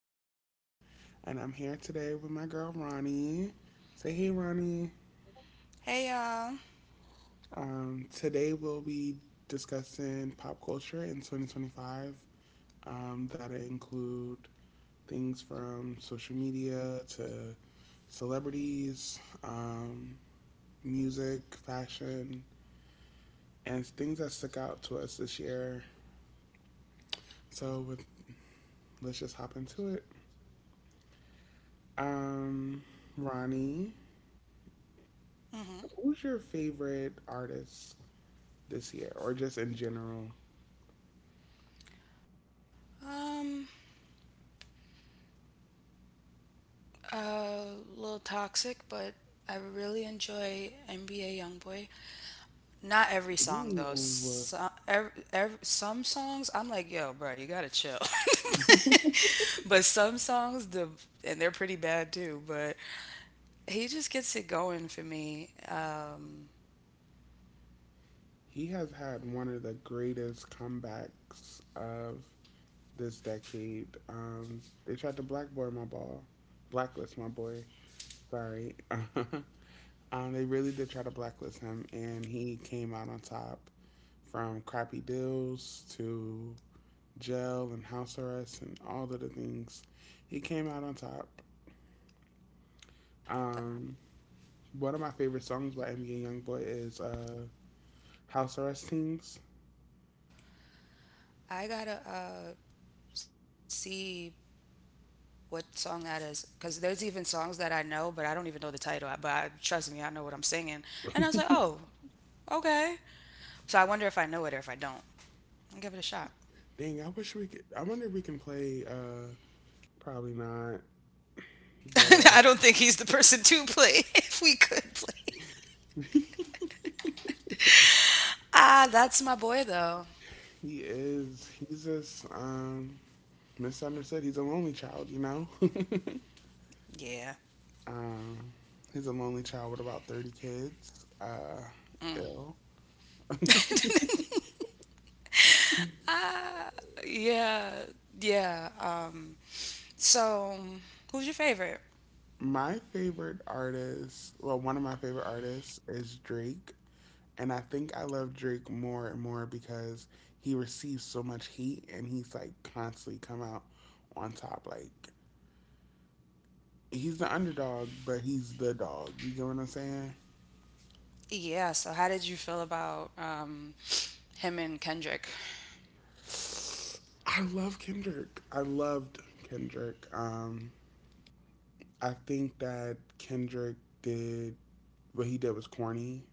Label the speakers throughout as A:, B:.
A: Callie, and I'm here today with my girl Ronnie. Say hey, Ronnie.
B: Hey y'all.
A: Today we'll be discussing pop culture in 2025. That include things from social media to celebrities, music, fashion, and things that stuck out to us this year. So with, let's just hop into it. Um, Ronnie,
B: hmm
A: who's your favorite artist this year or just in general?
B: Um, a little toxic, but I really enjoy NBA YoungBoy. Not every song though.
A: Ooh.
B: Some songs I'm like, yo, bro, you gotta chill. But some songs, they're pretty bad too. But he just gets it going for me.
A: He has had one of the greatest comebacks of this decade. They tried to blacklist my boy. Sorry. They really did try to blacklist him, and he came out on top. From crappy deals to jail and house arrest and all of the things, he came out on top. Um, One of my favorite songs by NBA Youngboy is house arrest teams.
B: I gotta see what song that is because there's even songs that I know, but I don't even know the title. Trust me, I know what I'm singing. And I was like, oh, okay. So I wonder if I know it or if I don't. I'll give it a shot.
A: Dang, I wish we could. I wonder if we can play. Probably not. But
B: I don't think he's the person to play if we could play. Ah, that's my boy though.
A: he is. He's just misunderstood. He's a lonely child, you know.
B: Yeah.
A: um, he's a lonely child with about 30 kids.
B: Mm.
A: Ill.
B: Ah, yeah, yeah. So who's your favorite?
A: My favorite artist, well, one of my favorite artists is Drake, and I think I love Drake more and more because he receives so much heat and he's like constantly come out on top. Like he's the underdog, but he's the dog. You get what I'm saying?
B: Yeah. So how did you feel about him and Kendrick?
A: I love Kendrick. I loved Kendrick. I think that Kendrick did what he did was corny.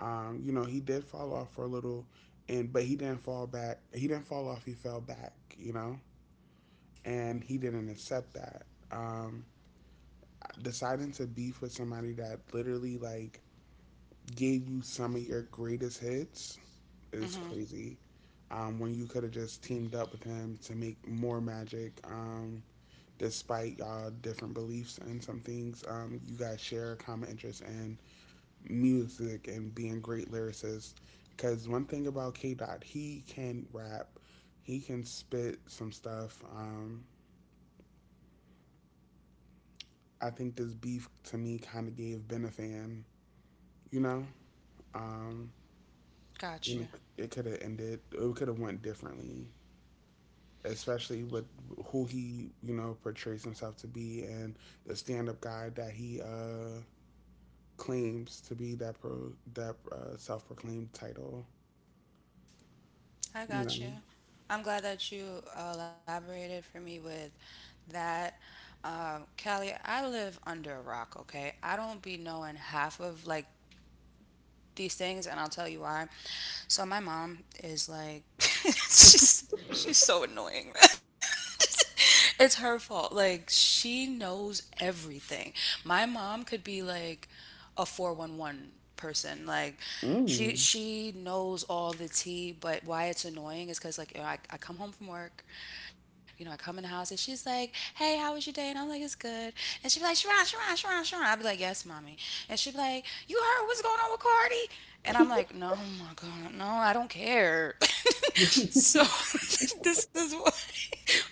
A: You know, he did fall off for a little, and but he didn't fall back. He didn't fall off. He fell back. You know, and he didn't accept that. Um, Deciding to beef with somebody that literally like gave you some of your greatest hits is
B: Mm-hmm.
A: crazy. When you could have just teamed up with him to make more magic. Despite y'all different beliefs and some things, you guys share a common interest in music and being great lyricists. Because one thing about K Dot, he can rap, he can spit some stuff. I think this beef to me kind of gave Ben a fan, you know, um, and
B: Gotcha.
A: it, it could have ended, it could have went differently, especially with who he, you know, portrays himself to be and the stand-up guy that he claims to be, that pro, that self-proclaimed title,
B: I
A: you
B: got
A: know.
B: you. I'm glad that you elaborated for me with that. Callie, I live under a rock, okay? I don't be knowing half of like these things, and I'll tell you why. So my mom is like, she's so annoying. It's her fault. Like she knows everything. My mom could be like a 411 person. Like she
A: Mm.
B: she knows all the tea, but why it's annoying is because like I come home from work, you know, I come in the house and she's like, hey, how was your day? And I'm like, it's good. And she'd be like, Sharon, Sharon, Sharon, Sharon. I'd be like, yes, mommy. And she'd be like, you heard what's going on with Cardi? And I'm like, no, my God, no, I don't care. So this is why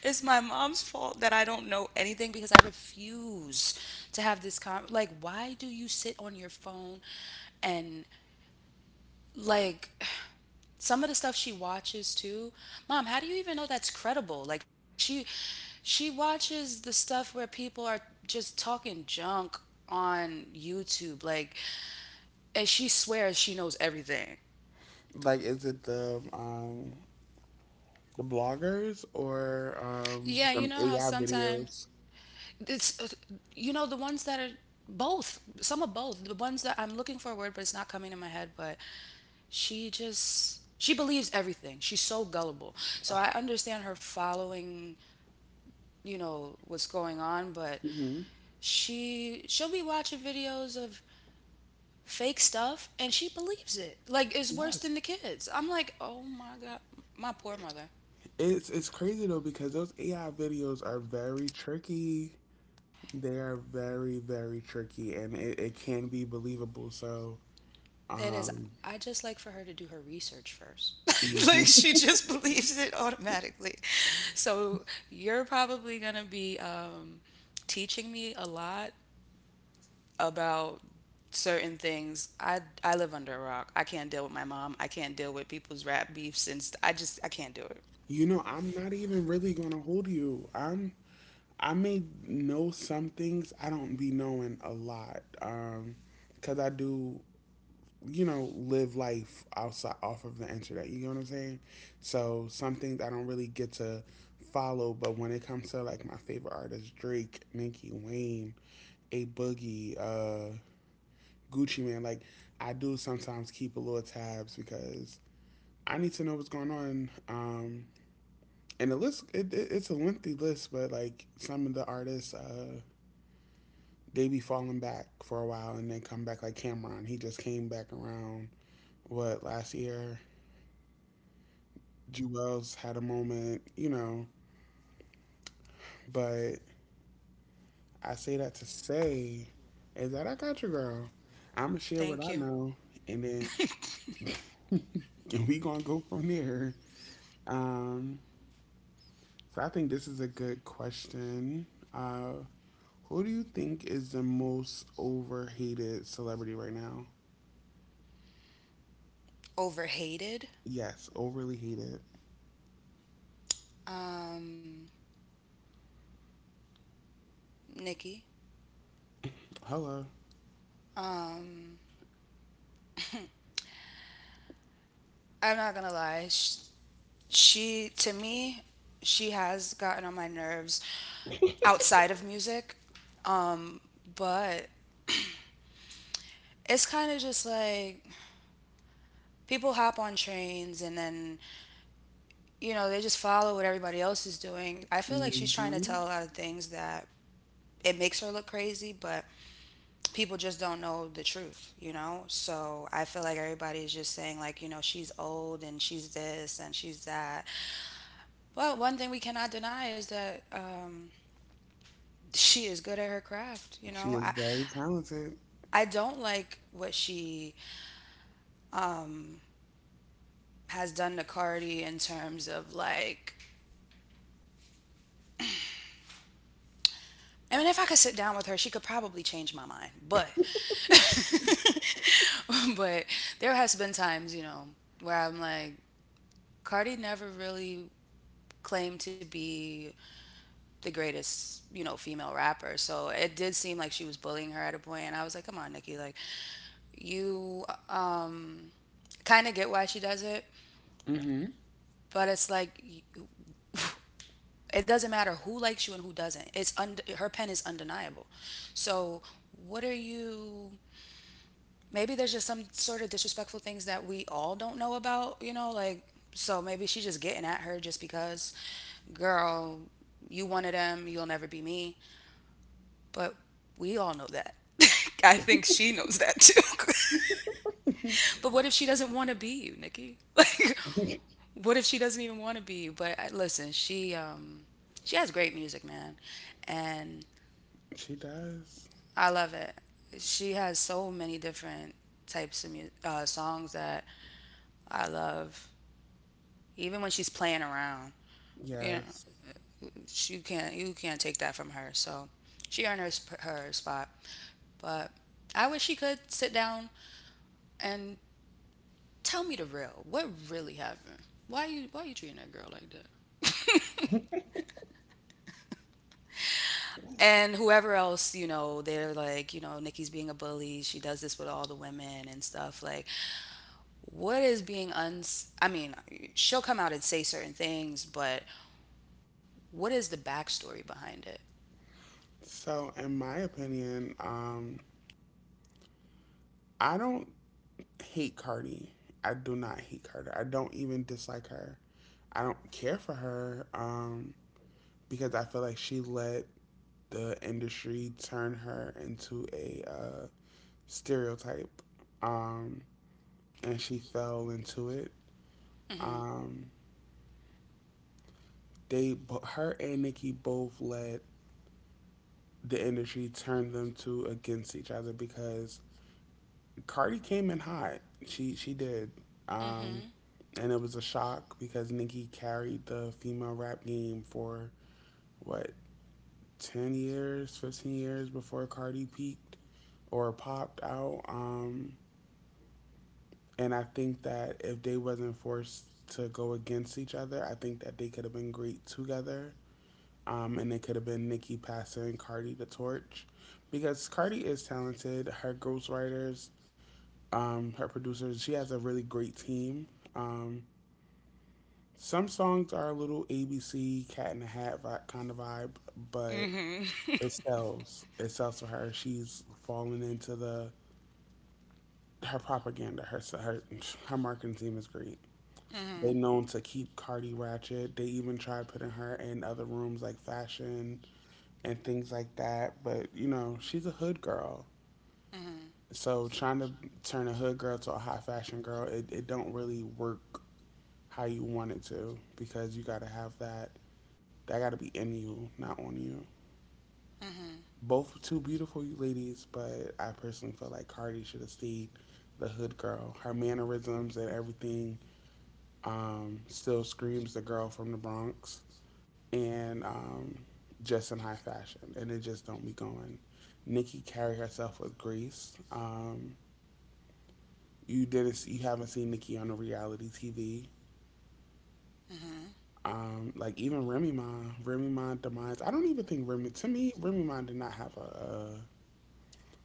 B: it's my mom's fault that I don't know anything because I refuse to have this con. Like, why do you sit on your phone and like some of the stuff she watches too? Mom, how do you even know that's credible? Like she watches the stuff where people are just talking junk on YouTube. Like, and she swears she knows everything.
A: Like is it the bloggers or
B: Yeah, you know how
A: the AI
B: sometimes
A: videos?
B: it's, you know, the ones that are both, some of both, the ones that I'm looking for a word, but it's not coming to my head, but she believes everything. She's so gullible. So I understand her following, you know, what's going on, but
A: Hmm.
B: she'll be watching videos of fake stuff and she believes it. Like, it's worse
A: Yes.
B: than the kids. I'm like, oh my God, my poor mother.
A: It's crazy though, because those AI videos are very tricky. They are very, very tricky, and it can be believable, so
B: It is.
A: um
B: I just like for her to do her research first. Like
A: hmm.
B: she just believes it automatically. So you're probably going to be teaching me a lot about certain things. I live under a rock. I can't deal with my mom. I can't deal with people's rap beef since I can't do it.
A: You know, I'm not even really gonna hold you. I may know some things. I don't be knowing a lot, cause I do, you know, live life outside off of the internet. You know what I'm saying? So some things I don't really get to follow. But when it comes to like my favorite artists, Drake, Nicki Wayne, A Boogie, Gucci Man, like I do sometimes keep a little tabs because I need to know what's going on. And the list it's a lengthy list, but like some of the artists, they be falling back for a while and then come back. Like Cameron, he just came back around, what, last year. Jewels had a moment, you know. But I say that to say is that I got your girl. I'ma share
B: Thank
A: what
B: you.
A: I know, and then and we gonna go from there. Um, so I think this is a good question. Uh, Who do you think is the most overhated celebrity right now?
B: Overhated.
A: Yes, overly hated.
B: Um Nikki.
A: Hello.
B: Um I'm not going to lie. She to me she has gotten on my nerves outside of music. Um, but it's kind of just like people hop on trains and then, you know, they just follow what everybody else is doing. I feel like she's trying to
A: Hmm.
B: tell a lot of things that it makes her look crazy, but people just don't know the truth, you know? So I feel like everybody's just saying, like, you know, she's old and she's this and she's that. But one thing we cannot deny is that she is good at her craft, you
A: She
B: know?
A: is very talented.
B: I don't like what she um, has done to Cardi in terms of like I mean if I could sit down with her, she could probably change my mind. But but there has been times, you know, where I'm like Cardi never really claimed to be the greatest, you know, female rapper. So it did seem like she was bullying her at a point and I was like, "Come on, Nikki, like you kind of get why she does it,
A: Hmm.
B: but it's like it doesn't matter who likes you and who doesn't. Her pen is undeniable. So what are you? Maybe there's just some sort of disrespectful things that we all don't know about. You know, like so maybe she's just getting at her just because, girl, you one of them. You'll never be me. But we all know that. I think she knows that too. But what if she doesn't want to be you, Nikki? Like, what if she doesn't even want to be you? Listen, she has great music, man, and
A: She does.
B: I love it. She has so many different types of songs that I love. Even when she's playing around, you know,
A: Yes.
B: she can't you can't take that from her. So she earned her spot. But I wish she could sit down and tell me the real. What really happened? Why you treating that girl like that? And whoever else, you know, they're like, you know, Nikki's being a bully. She does this with all the women and stuff. Like, what is being uns I mean, she'll come out and say certain things, but what is the backstory behind it?
A: So, in my opinion, I don't hate Cardi. I do not hate Carter. I don't even dislike her. I don't care for her, because I feel like she let the industry turn her into a stereotype, um, and she fell into it.
B: Mhm.
A: Um, they, her and Nicki both let the industry turn them two against each other because Cardi came in hot. She did, um,
B: Mhm.
A: and it was a shock because Nicki carried the female rap game for what, 10 years, 15 years, before Cardi peaked or popped out. And I think that if they wasn't forced to go against each other, I think that they could have been great together. And it could have been Nikki passing Cardi the torch because Cardi is talented. Her ghostwriters, her producers, she has a really great team. Um, some songs are a little ABC Cat in the Hat kind of vibe, but
B: Mhm.
A: it sells. It sells for her. She's fallen into the her propaganda. Her marketing team is great. They
B: Mhm.
A: known to keep Cardi ratchet. They even tried putting her in other rooms like fashion and things like that. But you know, she's a hood girl.
B: Mhm.
A: So trying to turn a hood girl to a high fashion girl, it don't really work how you want it to, because you gotta have that, that gotta be in you, not on you.
B: Mhm.
A: Both two beautiful ladies, but I personally feel like Cardi should have stayed the hood girl. Her mannerisms and everything, still screams the girl from the Bronx, and just in high fashion, and it just don't be going. Nikki carried herself with grace. You didn't, you haven't seen Nikki on a reality TV.
B: Mhm.
A: Like even Remy Ma, Remy Ma demise. I don't even think Remy. To me, Remy Ma did not have a,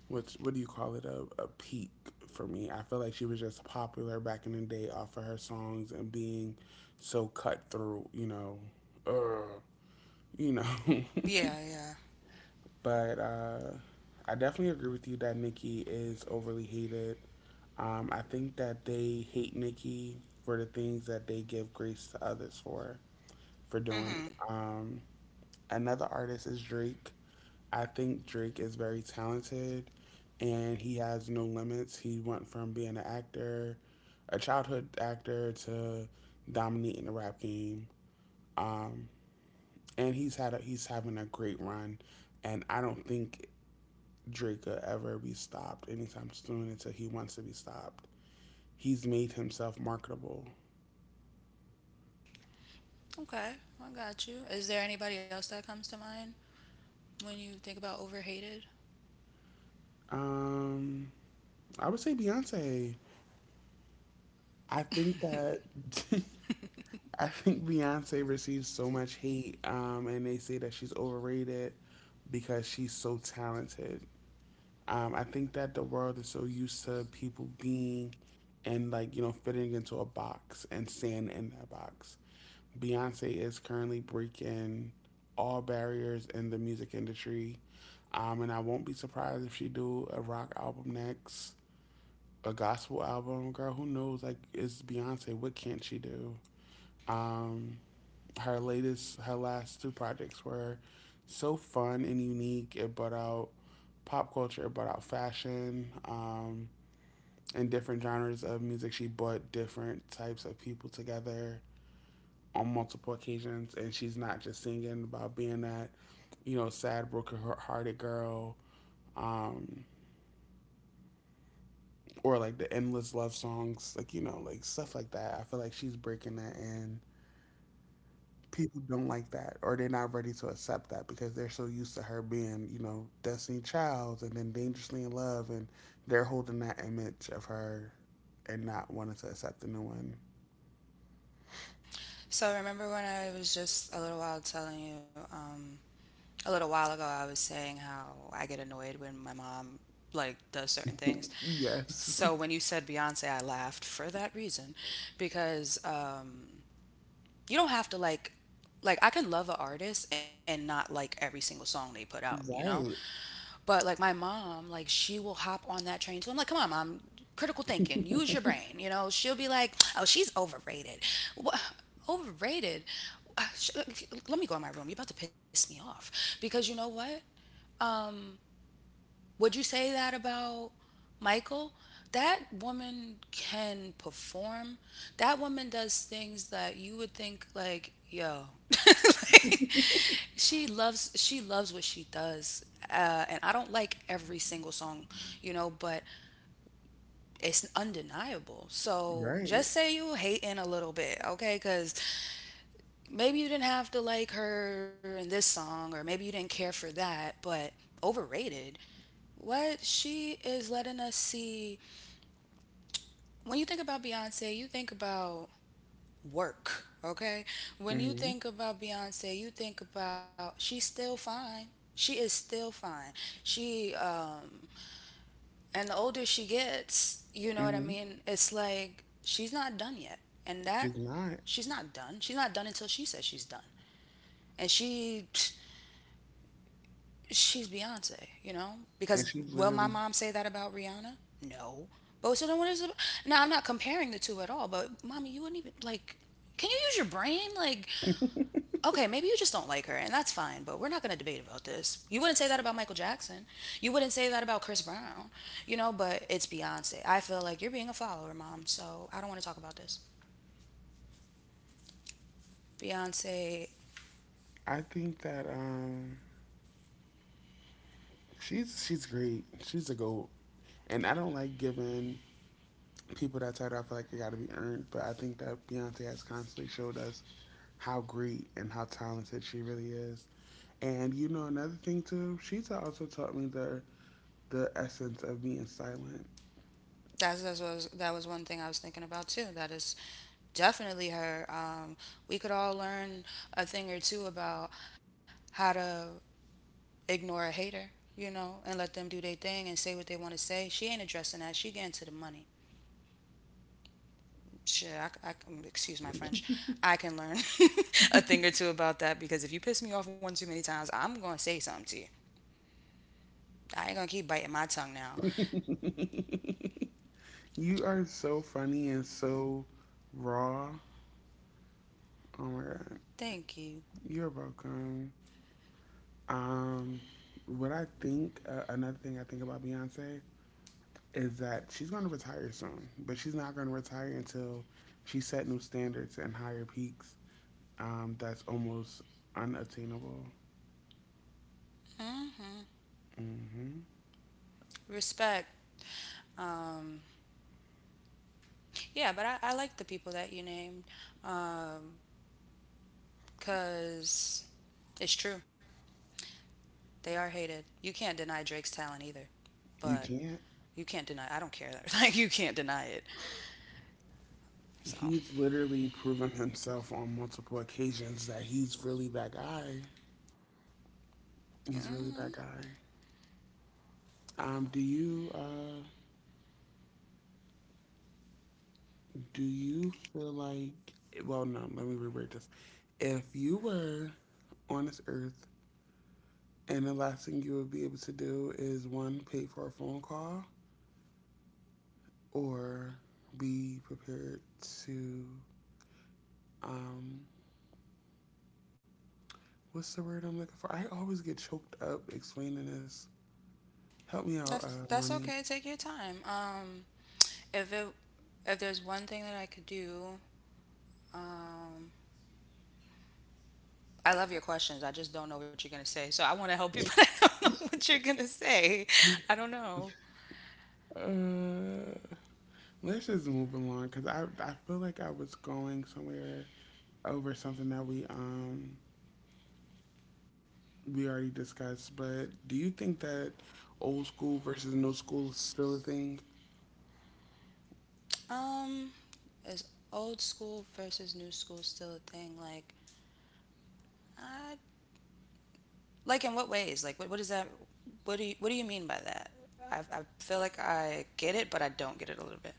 A: what's what do you call it, a peak, for me. I feel like she was just popular back in the day off of her songs and being so cut through. You know, uh, you know.
B: Yeah, yeah.
A: But I definitely agree with you that Nikki is overly hated. I think that they hate Nikki for the things that they give grace to others for doing.
B: Mhm.
A: Another artist is Drake. I think Drake is very talented, and he has no limits. He went from being an actor, a childhood actor, to dominating the rap game. Um, and he's had a, he's having a great run, and I don't think Drake could ever be stopped anytime soon until he wants to be stopped. He's made himself marketable.
B: Okay, I got you. Is there anybody else that comes to mind when you think about overhated?
A: Um, I would say Beyonce. I think that I think Beyonce receives so much hate, and they say that she's overrated because she's so talented. I think that the world is so used to people being and like, you know, fitting into a box and staying in that box. Beyonce is currently breaking all barriers in the music industry. And I won't be surprised if she do a rock album next, a gospel album. Girl, who knows? Like, it's Beyonce. What can't she do? Um, Her latest, her last two projects were so fun and unique. It brought out pop culture, it brought out fashion, and different genres of music. She brought different types of people together on multiple occasions, and she's not just singing about being that, you know, sad, broken-hearted girl, um, or like the endless love songs, like, you know, like stuff like that. I feel like she's breaking that, and people don't like that, or they're not ready to accept that because they're so used to her being, you know, Destiny Childs and then Dangerously in Love, and they're holding that image of her and not wanting to accept the new one.
B: So remember when I was just a little while telling you, a little while ago I was saying how I get annoyed when my mom like does certain things.
A: Yes.
B: So when you said Beyonce, I laughed for that reason because you don't have to like I can love an artist and not like every single song they put out, you know?
A: Right.
B: But like my mom, like she will hop on that train too. I'm like, come on, mom, critical thinking, use your brain. You know, she'll be like, oh, she's overrated. What? Overrated? Uh, sh- Let me go in my room. You're about to piss me off because you know what? um, would you say that about Michael? That woman can perform. That woman does things that you would think like, yo. Like, she loves what she does. And I don't like every single song, you know, but it's undeniable. So
A: Right.
B: just say you hating a little bit, okay? Because maybe you didn't have to like her in this song, or maybe you didn't care for that, but overrated, what she is letting us see when you think about Beyonce, you think about work, okay? When you
A: Hmm.
B: think about Beyonce, you think about she's still fine. She is still fine. She and the older she gets, you know what I
A: Hmm.
B: mean? It's like she's not done yet. And that
A: She's not.
B: she's not done. She's not done until she says she's done. And she's Beyonce, you know?
A: And
B: Because
A: she
B: will my
A: literally,
B: mom say that about Rihanna? No. But so then what is it? Now I'm not comparing the two at all, but mommy, you wouldn't even like. Can you use your brain? Like, okay, maybe you just don't like her, and that's fine. But we're not gonna debate about this. You wouldn't say that about Michael Jackson. You wouldn't say that about Chris Brown, you know. But it's Beyonce. I feel like you're being a follower, mom. So I don't want to talk about this. Beyonce.
A: I think that she's great, she's a GOAT, and I don't like giving people that title. I feel like it got to be earned, but I think that Beyonce has constantly showed us how great and how talented she really is. And you know, another thing too, she's also taught me the essence of being silent.
B: That's what that was one thing I was thinking about too. That is definitely her. We could all learn a thing or two about how to ignore a hater, you know, and let them do their thing and say what they want to say. She ain't addressing that. She getting to the money. Shit, excuse my French. I can learn a thing or two about that because if you piss me off one too many times, I'm gonna say something to you. I ain't gonna keep biting my tongue now.
A: You are so funny and so raw, oh my God.
B: Thank you.
A: You're welcome. Um, what I think, another thing I think about Beyonce is that she's going to retire soon, but she's not going to retire until she set new standards and higher peaks. That's almost unattainable.
B: hmm
A: Hmm.
B: Respect. Um, Yeah, I like the people that you named because it's true. They are hated. You can't deny Drake's talent either,
A: You
B: but
A: can't.
B: you can't deny. I don't care. Like you can't deny it. So
A: He's literally proven himself on multiple occasions that he's really that guy. He's
B: hmm.
A: really that guy. Do you do you feel like? Well, no. Let me reword this. If you were on this earth and the last thing you would be able to do is one, pay for a phone call, or be prepared to, um, what's the word I'm looking for? I always get choked up explaining this. Help me out,
B: that's that's
A: Ronnie.
B: okay. Take your time. If it if there's one thing that I could do, um, I love your questions. I just don't know what you're gonna say. So I want to help you, but I don't know what you're gonna say. I don't know.
A: Uh, let's just move along because I feel like I was going somewhere over something that we already discussed, but do you think that old school versus new school is still a thing?
B: Um, is old school versus new school still a thing? Like, I, like in what ways? Like, what is that? What do you mean by that? I feel like I get it, but I don't get it a little bit.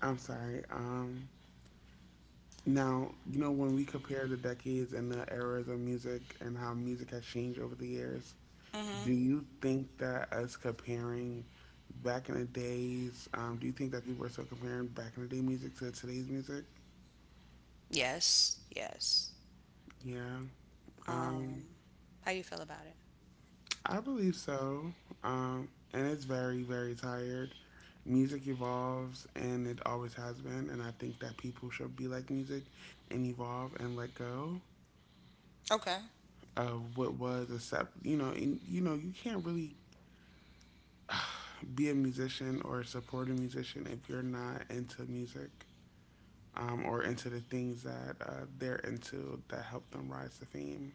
A: I'm sorry. Now, you know, when we compare the decades and the eras of music and how music has changed over the years,
B: Mhm.
A: do you think that us comparing back in the days, do you think that people are still comparing back in the day music to today's music?
B: Yes. Yes.
A: Yeah, um,
B: Um, how you feel about it?
A: I believe so. Um, and it's very, very tired. Music evolves and it always has been. And I think that people should be like music and evolve and let go
B: Okay.
A: of what was, accept, you know, and, you know, you can't really be a musician or support a musician if you're not into music or into the things that they're into that help them rise to fame,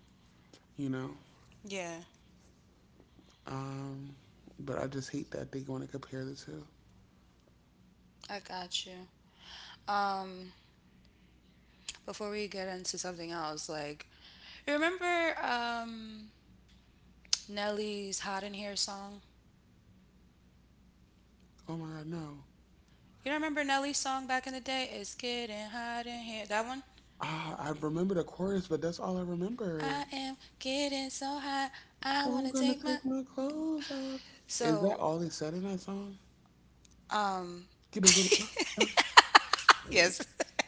A: you know?
B: Yeah.
A: Um, but I just hate that they want to compare the two.
B: I got you. Um, Before we get into something else, like, you remember Nelly's "Hot in Here" song?
A: Oh my God, no.
B: You don't remember Nelly's song back in the day? It's getting hot in here. That one?
A: Ah, I remember the chorus, but that's all I remember.
B: I am getting so hot. I want
A: I'm
B: to
A: gonna
B: take my.
A: take my clothes off. Is that
B: So,
A: all they said in that song?
B: um,
A: Get a little.
B: yes.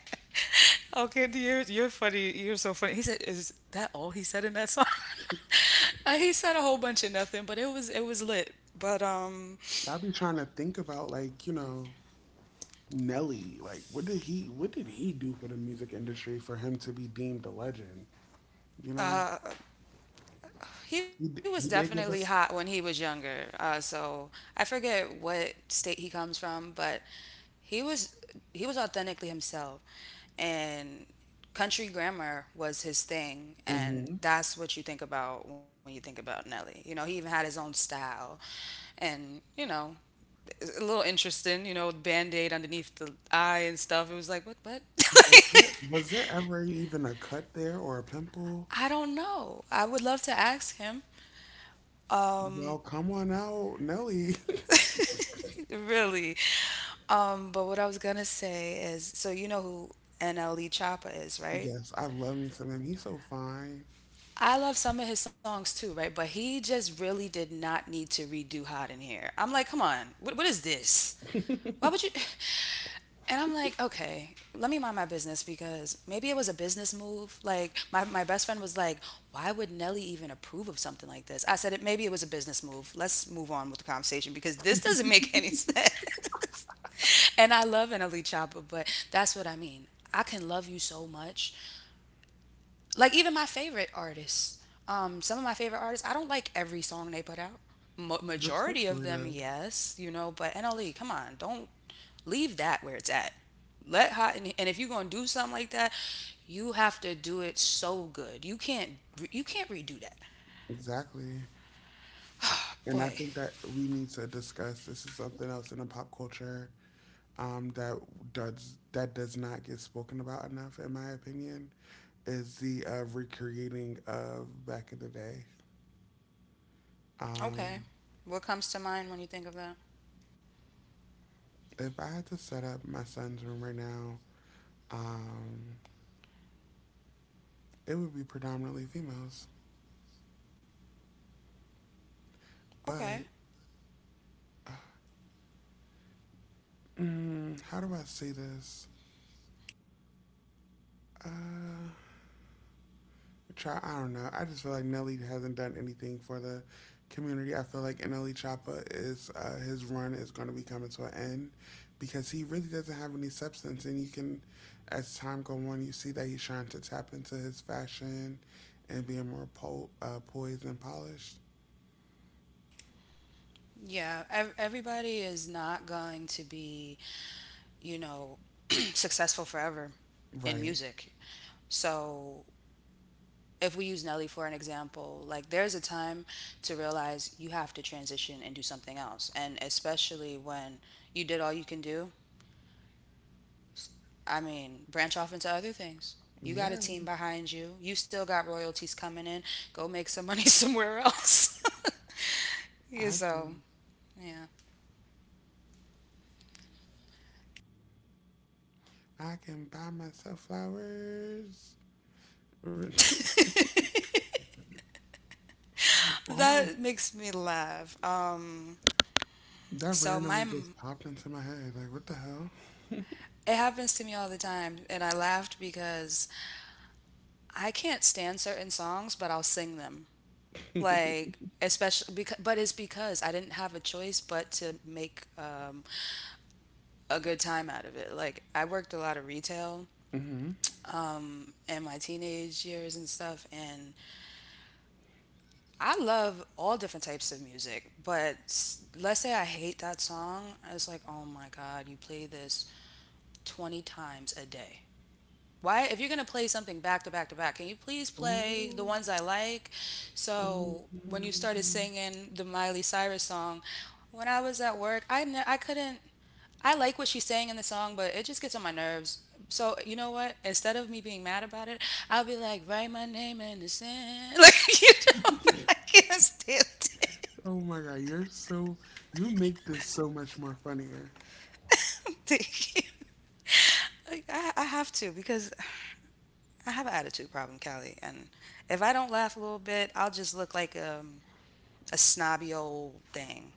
B: Okay, you're funny. You're so funny. He said, "Is that all he said in that song?" He said a whole bunch of nothing, but it was lit. But
A: I'll be trying to think about, like, you know, Nelly, like what did he do for the music industry for him to be deemed a legend? You know,
B: uh, He was
A: he
B: definitely
A: did give
B: hot when
A: us.
B: he was younger. So I forget what state he comes from, but he was he was authentically himself, and country grammar was his thing, and
A: Hmm.
B: that's what you think about when you think about Nelly. You know, he even had his own style, and you know, it's a little interesting. You know, band aid underneath the eye and stuff. It was like what.
A: Was there ever even a cut there or a pimple?
B: I don't know. I would love to ask him. Um,
A: Well, come on out, Nelly.
B: really. But what I was gonna say is, so you know who NLE Choppa is, right?
A: Yes, I love me some him. He's so fine.
B: I love some of his songs too, right? But he just really did not need to redo Hot in Here. I'm like, come on, what is this? Why would you? And I'm like, okay, let me mind my business because maybe it was a business move. Like my best friend was like, why would Nelly even approve of something like this? I said it maybe it was a business move. Let's move on with the conversation because this doesn't make any sense. And I love an elite chopper, but that's what I mean. I can love you so much, like even my favorite artists, some of my favorite artists I don't like every song they put out. Ma Majority of
A: Respectfully,
B: them,
A: though.
B: yes, you know, but NLE, come on, don't leave that where it's at. Let hot, and if you're gonna do something like that, you have to do it so good. You can't you can't redo that,
A: Exactly. And I
B: boy.
A: think that we need to discuss this is something else in the pop culture that does not get spoken about enough, in my opinion. Is the recreating of back in the day.
B: Okay,
A: Um,
B: what comes to mind when you think of that?
A: if I had to set up my son's room right now, um, it would be predominantly females.
B: Okay,
A: But mm, how do I say this? Uh, Try. I don't know. I just feel like Nelly hasn't done anything for the community. I feel like NLE Choppa is his run is going to be coming to an end because he really doesn't have any substance, and you can, as time go on, you see that he's trying to tap into his fashion and being more poised and polished.
B: yeah, everybody is not going to be, you know, successful forever in
A: Right.
B: music. So if we use Nelly for an example, like there's a time to realize you have to transition and do something else. And especially when you did all you can do, I mean, branch off into other things. You got
A: Yeah.
B: a team behind you. You still got royalties coming in. Go make some money somewhere else. Yeah,
A: I
B: so,
A: can.
B: yeah.
A: I can buy myself flowers. I don't.
B: That makes me laugh.
A: That
B: So my,
A: randomly just popped into my head. Like, what the hell?
B: it happens to me all the time and I laughed because I can't stand certain songs, but I'll sing them, like especially because, but it's because I didn't have a choice but to make a good time out of it. Like I worked a lot of retail
A: Hmm.
B: in my teenage years and stuff, and I love all different types of music. But let's say I hate that song, it's like, oh my god, you play this 20 times a day. Why, if you're going to play something back to back to back, can you please play the
A: Oh,
B: ones I like? So when you
A: oh,
B: started singing the Miley Cyrus song, when I was at work, I couldn't, I like what she's saying in the song, but it just gets on my nerves. So you know what, instead of me being mad about it, I'll be like, write my name in the sand, like, you know, but I can't stand it.
A: oh my God, you're so, you make this so much more funnier.
B: Thank you. Like, I have to because I have an attitude problem, Callie, and if I don't laugh a little bit, I'll just look like a snobby old thing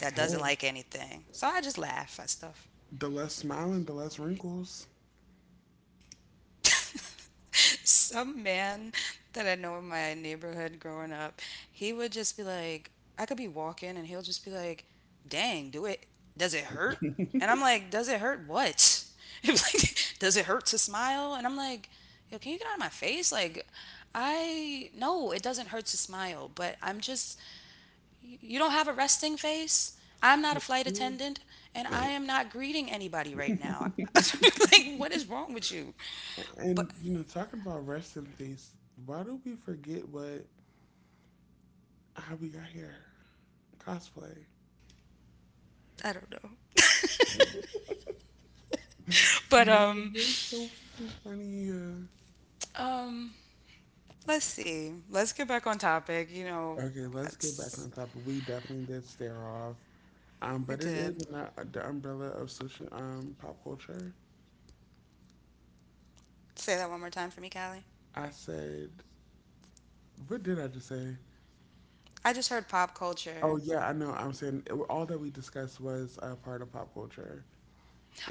B: that doesn't
A: Hey.
B: like anything. So I just laugh at stuff.
A: The less smiling, the less wrinkles.
B: Some man that I know in my neighborhood growing up, he would just be like, I could be walking and he'll just be like, dang, do it. Does it hurt? And I'm like, does it hurt what? He was like, does it hurt to smile? And I'm like, yo, can you get out of my face? Like, no, it doesn't hurt to smile, but I'm just, you don't have a resting face. I'm not a flight attendant and I am not greeting anybody right now. Like, what is wrong with you?
A: And,
B: But
A: you know, talking about rest in peace, why do we forget what, how we got here? Cosplay.
B: I don't know. But
A: You- You're so fucking funny. Uh.
B: um let's see. Let's get back on topic. You know,
A: Okay, let's get back
B: it's-
A: on topic. We definitely did stare off.
B: we
A: But it
B: did.
A: is in the umbrella of social pop culture.
B: Say that one more time for me, Callie.
A: I said, what did I just say?
B: I just heard pop culture.
A: Oh yeah, I know. All that we discussed was a part of pop culture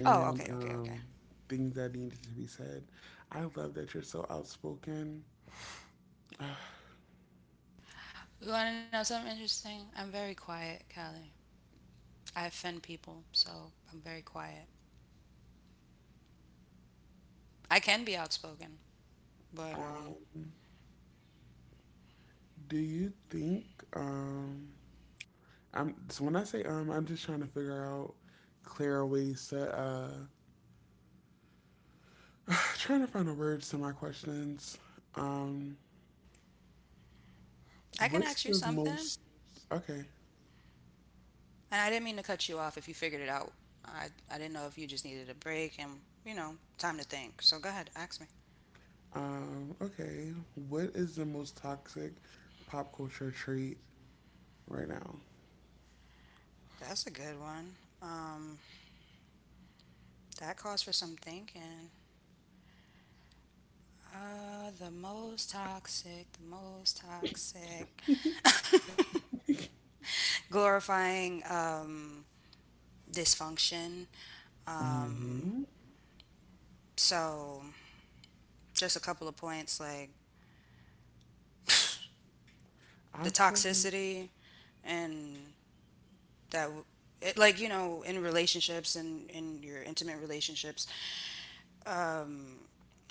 B: Oh, okay, okay, okay.
A: things that needed to be said. I love that you're so outspoken.
B: You want to know something interesting? I'm very quiet, Callie. I offend people, so I'm very quiet. I can be outspoken, but
A: Um, do you think? Um, I'm so when I say I'm just trying to figure out clear ways to trying to find the words to my questions. Um,
B: I can
A: what's
B: ask you
A: the
B: something.
A: most okay?
B: And I didn't mean to cut you off if you figured it out. I didn't know if you just needed a break and, you know, time to think. So go ahead, ask me.
A: Okay. What is the most toxic pop culture trait right now?
B: That's a good one. Um, that calls for some thinking. The most toxic, the most toxic. Glorifying dysfunction.
A: Hmm.
B: Um, so, just a couple of points, like the
A: I feel like
B: toxicity and that, w- it, like, you know, in relationships and in your intimate relationships, um,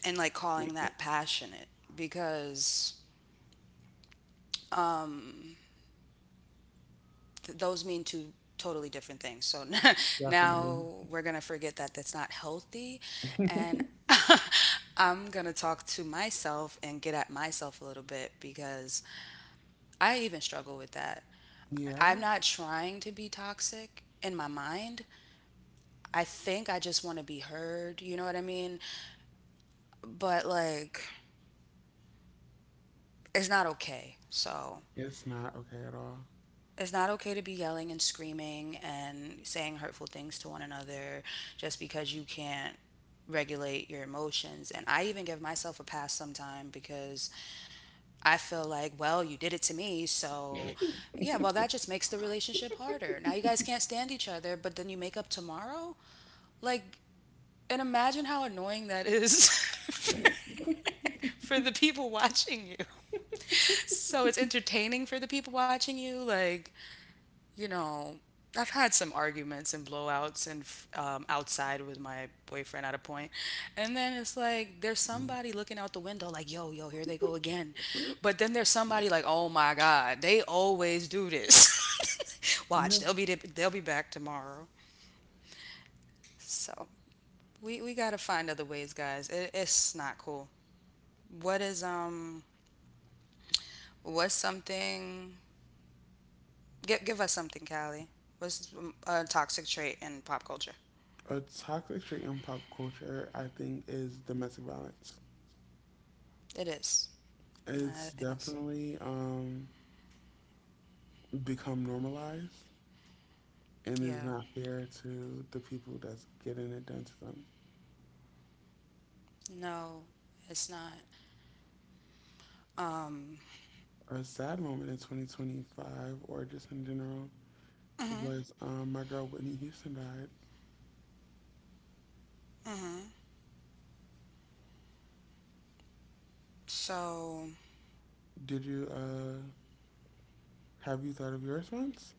B: and like calling that passionate because um, those mean two totally different things. So
A: definitely.
B: now we're going to forget that that's not healthy. And I'm going to talk to myself and get at myself a little bit because I even struggle with that.
A: Yeah,
B: I'm not trying to be toxic in my mind. I think I just want to be heard. You know what I mean? But like, it's not okay. So
A: it's not okay at all.
B: it's not okay to be yelling and screaming and saying hurtful things to one another just because you can't regulate your emotions. And I even give myself a pass sometime because I feel like, well, you did it to me, so yeah. Well, that just makes the relationship harder. Now you guys can't stand each other, but then you make up tomorrow, like, and imagine how annoying that is for for the people watching you. So it's entertaining for the people watching you, like, you know, I've had some arguments and blowouts and outside with my boyfriend at a point, and then it's like there's somebody looking out the window like, yo, here they go again, but then there's somebody like, oh my god, they always do this. Watch, they'll
A: Yes.
B: be they'll be back tomorrow. So we gotta find other ways, guys. It's not cool. What is what's something? Give us something, Callie. What's a toxic trait in pop culture?
A: A toxic trait in pop culture, I think, is domestic violence.
B: It is. No,
A: It's
B: it is.
A: definitely become normalized and is
B: Yeah.
A: not fair to the people that's getting it done to them.
B: No, it's not. Um.
A: A sad moment in 2025, or just in general,
B: Mhm.
A: was my girl Whitney Houston died.
B: Mhm. So,
A: Did you have you thought of yours once?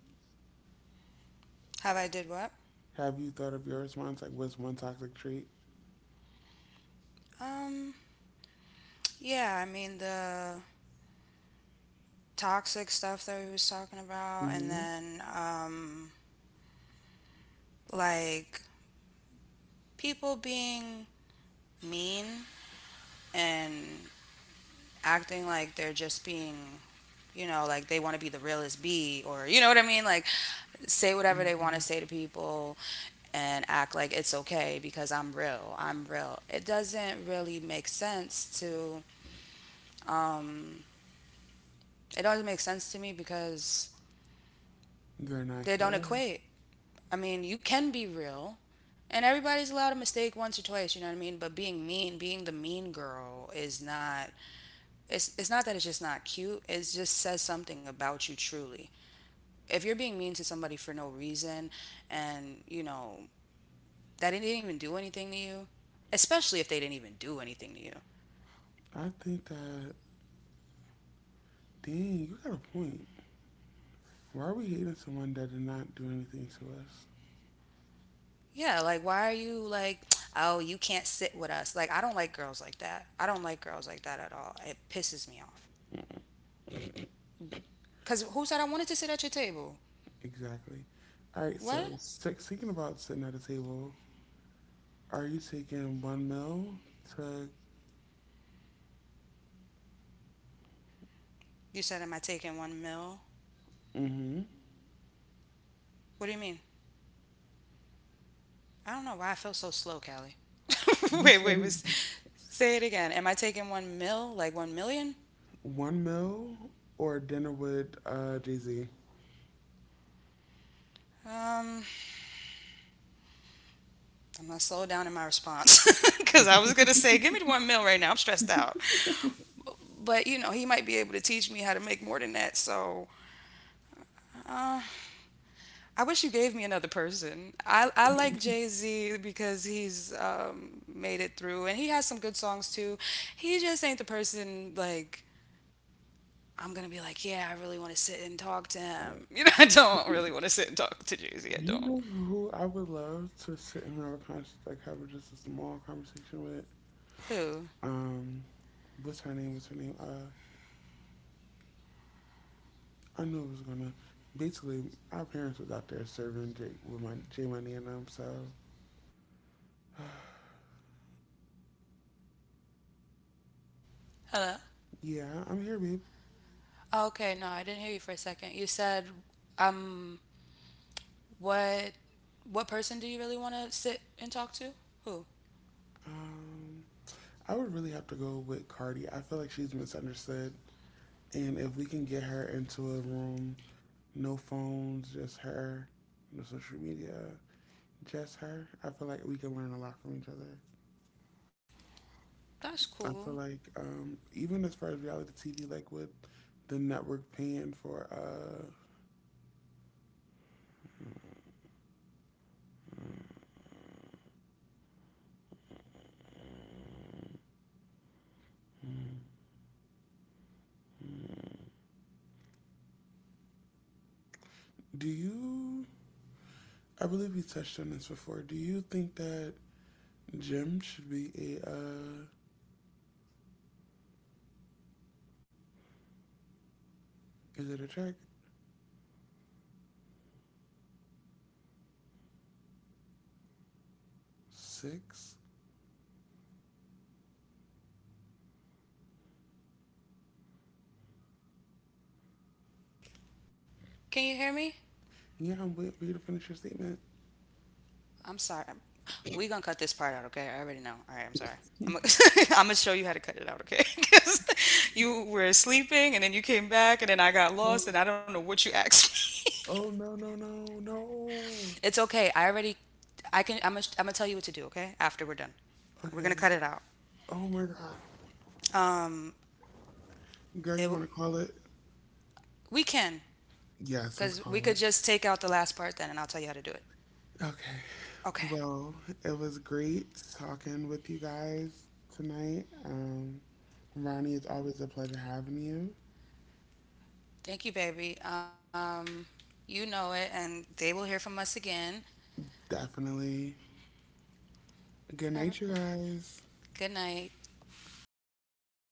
B: have I did what?
A: Have you thought of yours once? Like, what's one toxic trait?
B: Um. Yeah. I mean the toxic stuff that we was talking about, and
A: Mhm.
B: then like people being mean and acting like they're just being, you know, like they want to be the realest B, or, you know what I mean? Like, say whatever they want
A: Mhm.
B: to say to people and act like it's okay because I'm real. I'm real. It doesn't really make sense to, um, it doesn't make sense to me because
A: They're not
B: they don't
A: here.
B: equate. I mean, you can be real. And everybody's allowed a mistake once or twice, you know what I mean? But being mean, being the mean girl is not, it's not that. It's just not cute. It just says something about you truly. If you're being mean to somebody for no reason, and you know that they didn't even do anything to you, especially if they didn't even do anything to you.
A: I think that, dang, you got a point. Why are we hating someone that did not do anything to us?
B: Yeah, like, why are you like, oh, you can't sit with us. Like, I don't like girls like that at all. It pisses me off because who said I wanted to sit at your table?
A: Exactly. All right,
B: What
A: so six, thinking about sitting at a table, are you taking one meal to,
B: you said, am I taking one meal?
A: mm-hmm,
B: What do you mean? I don't know why I feel so slow, Callie.
A: you
B: wait
A: said
B: wait was,
A: it.
B: say it again, am I taking one mil, like 1,000,000?
A: One meal or dinner with Jay-Z?
B: um I'm gonna slow down in my response because I was gonna say, give me the one mil right now. I'm stressed out. But you know, he might be able to teach me how to make more than that. So uh, I wish you gave me another person. I like Jay Z because he's made it through, and he has some good songs too. He just ain't the person like. I'm gonna be like, yeah, I really want to sit and talk to him. You know, I don't really want to sit and talk to Jay Z. I
A: You
B: don't.
A: know who I would love to sit and have a, like, have just a small conversation with?
B: Who?
A: Um, what's her name? What's her name? I knew it was gonna. Basically, our parents was out there serving with my J Money and them. So
B: Hello.
A: yeah, I'm here, babe.
B: Oh, okay, no, I didn't hear you for a second. You said, um, What what person do you really want to sit and talk to? Who?
A: Um, I would really have to go with Cardi. I feel like she's misunderstood, and if we can get her into a room, no phones, just her, no social media, just her. I feel like we can learn a lot from each other. I
B: That's
A: feel
B: cool.
A: like even as far as reality TV, like with the network paying for do you? I believe we touched on this before. Do you think that gym should be a? Is it a track six?
B: Can you hear me?
A: Yeah, I'm waiting for you to finish your statement.
B: I'm sorry. We gonna cut this part out, okay? I already know. All right, I'm sorry. I'm gonna, I'm gonna show you how to cut it out, okay? 'Cause you were sleeping and then you came back and then I got lost and I don't know what you asked me.
A: Oh no no no no!
B: It's okay. I can. I'm gonna tell you what to do, okay? After we're done, we're
A: Okay.
B: gonna cut it out.
A: Oh my god,
B: Um,
A: girl,
B: it,
A: you want to call it?
B: we can,
A: Yes,
B: cause
A: let's
B: we could
A: call it.
B: just take out the last part then, and I'll tell you how to do it.
A: Okay.
B: Okay.
A: Well, it was great talking with you guys tonight. Ronnie, it's always a pleasure having you.
B: Thank you, baby. You know it, and they will hear from us again.
A: Definitely. Good
B: Have a-
A: night, you guys.
B: Good night.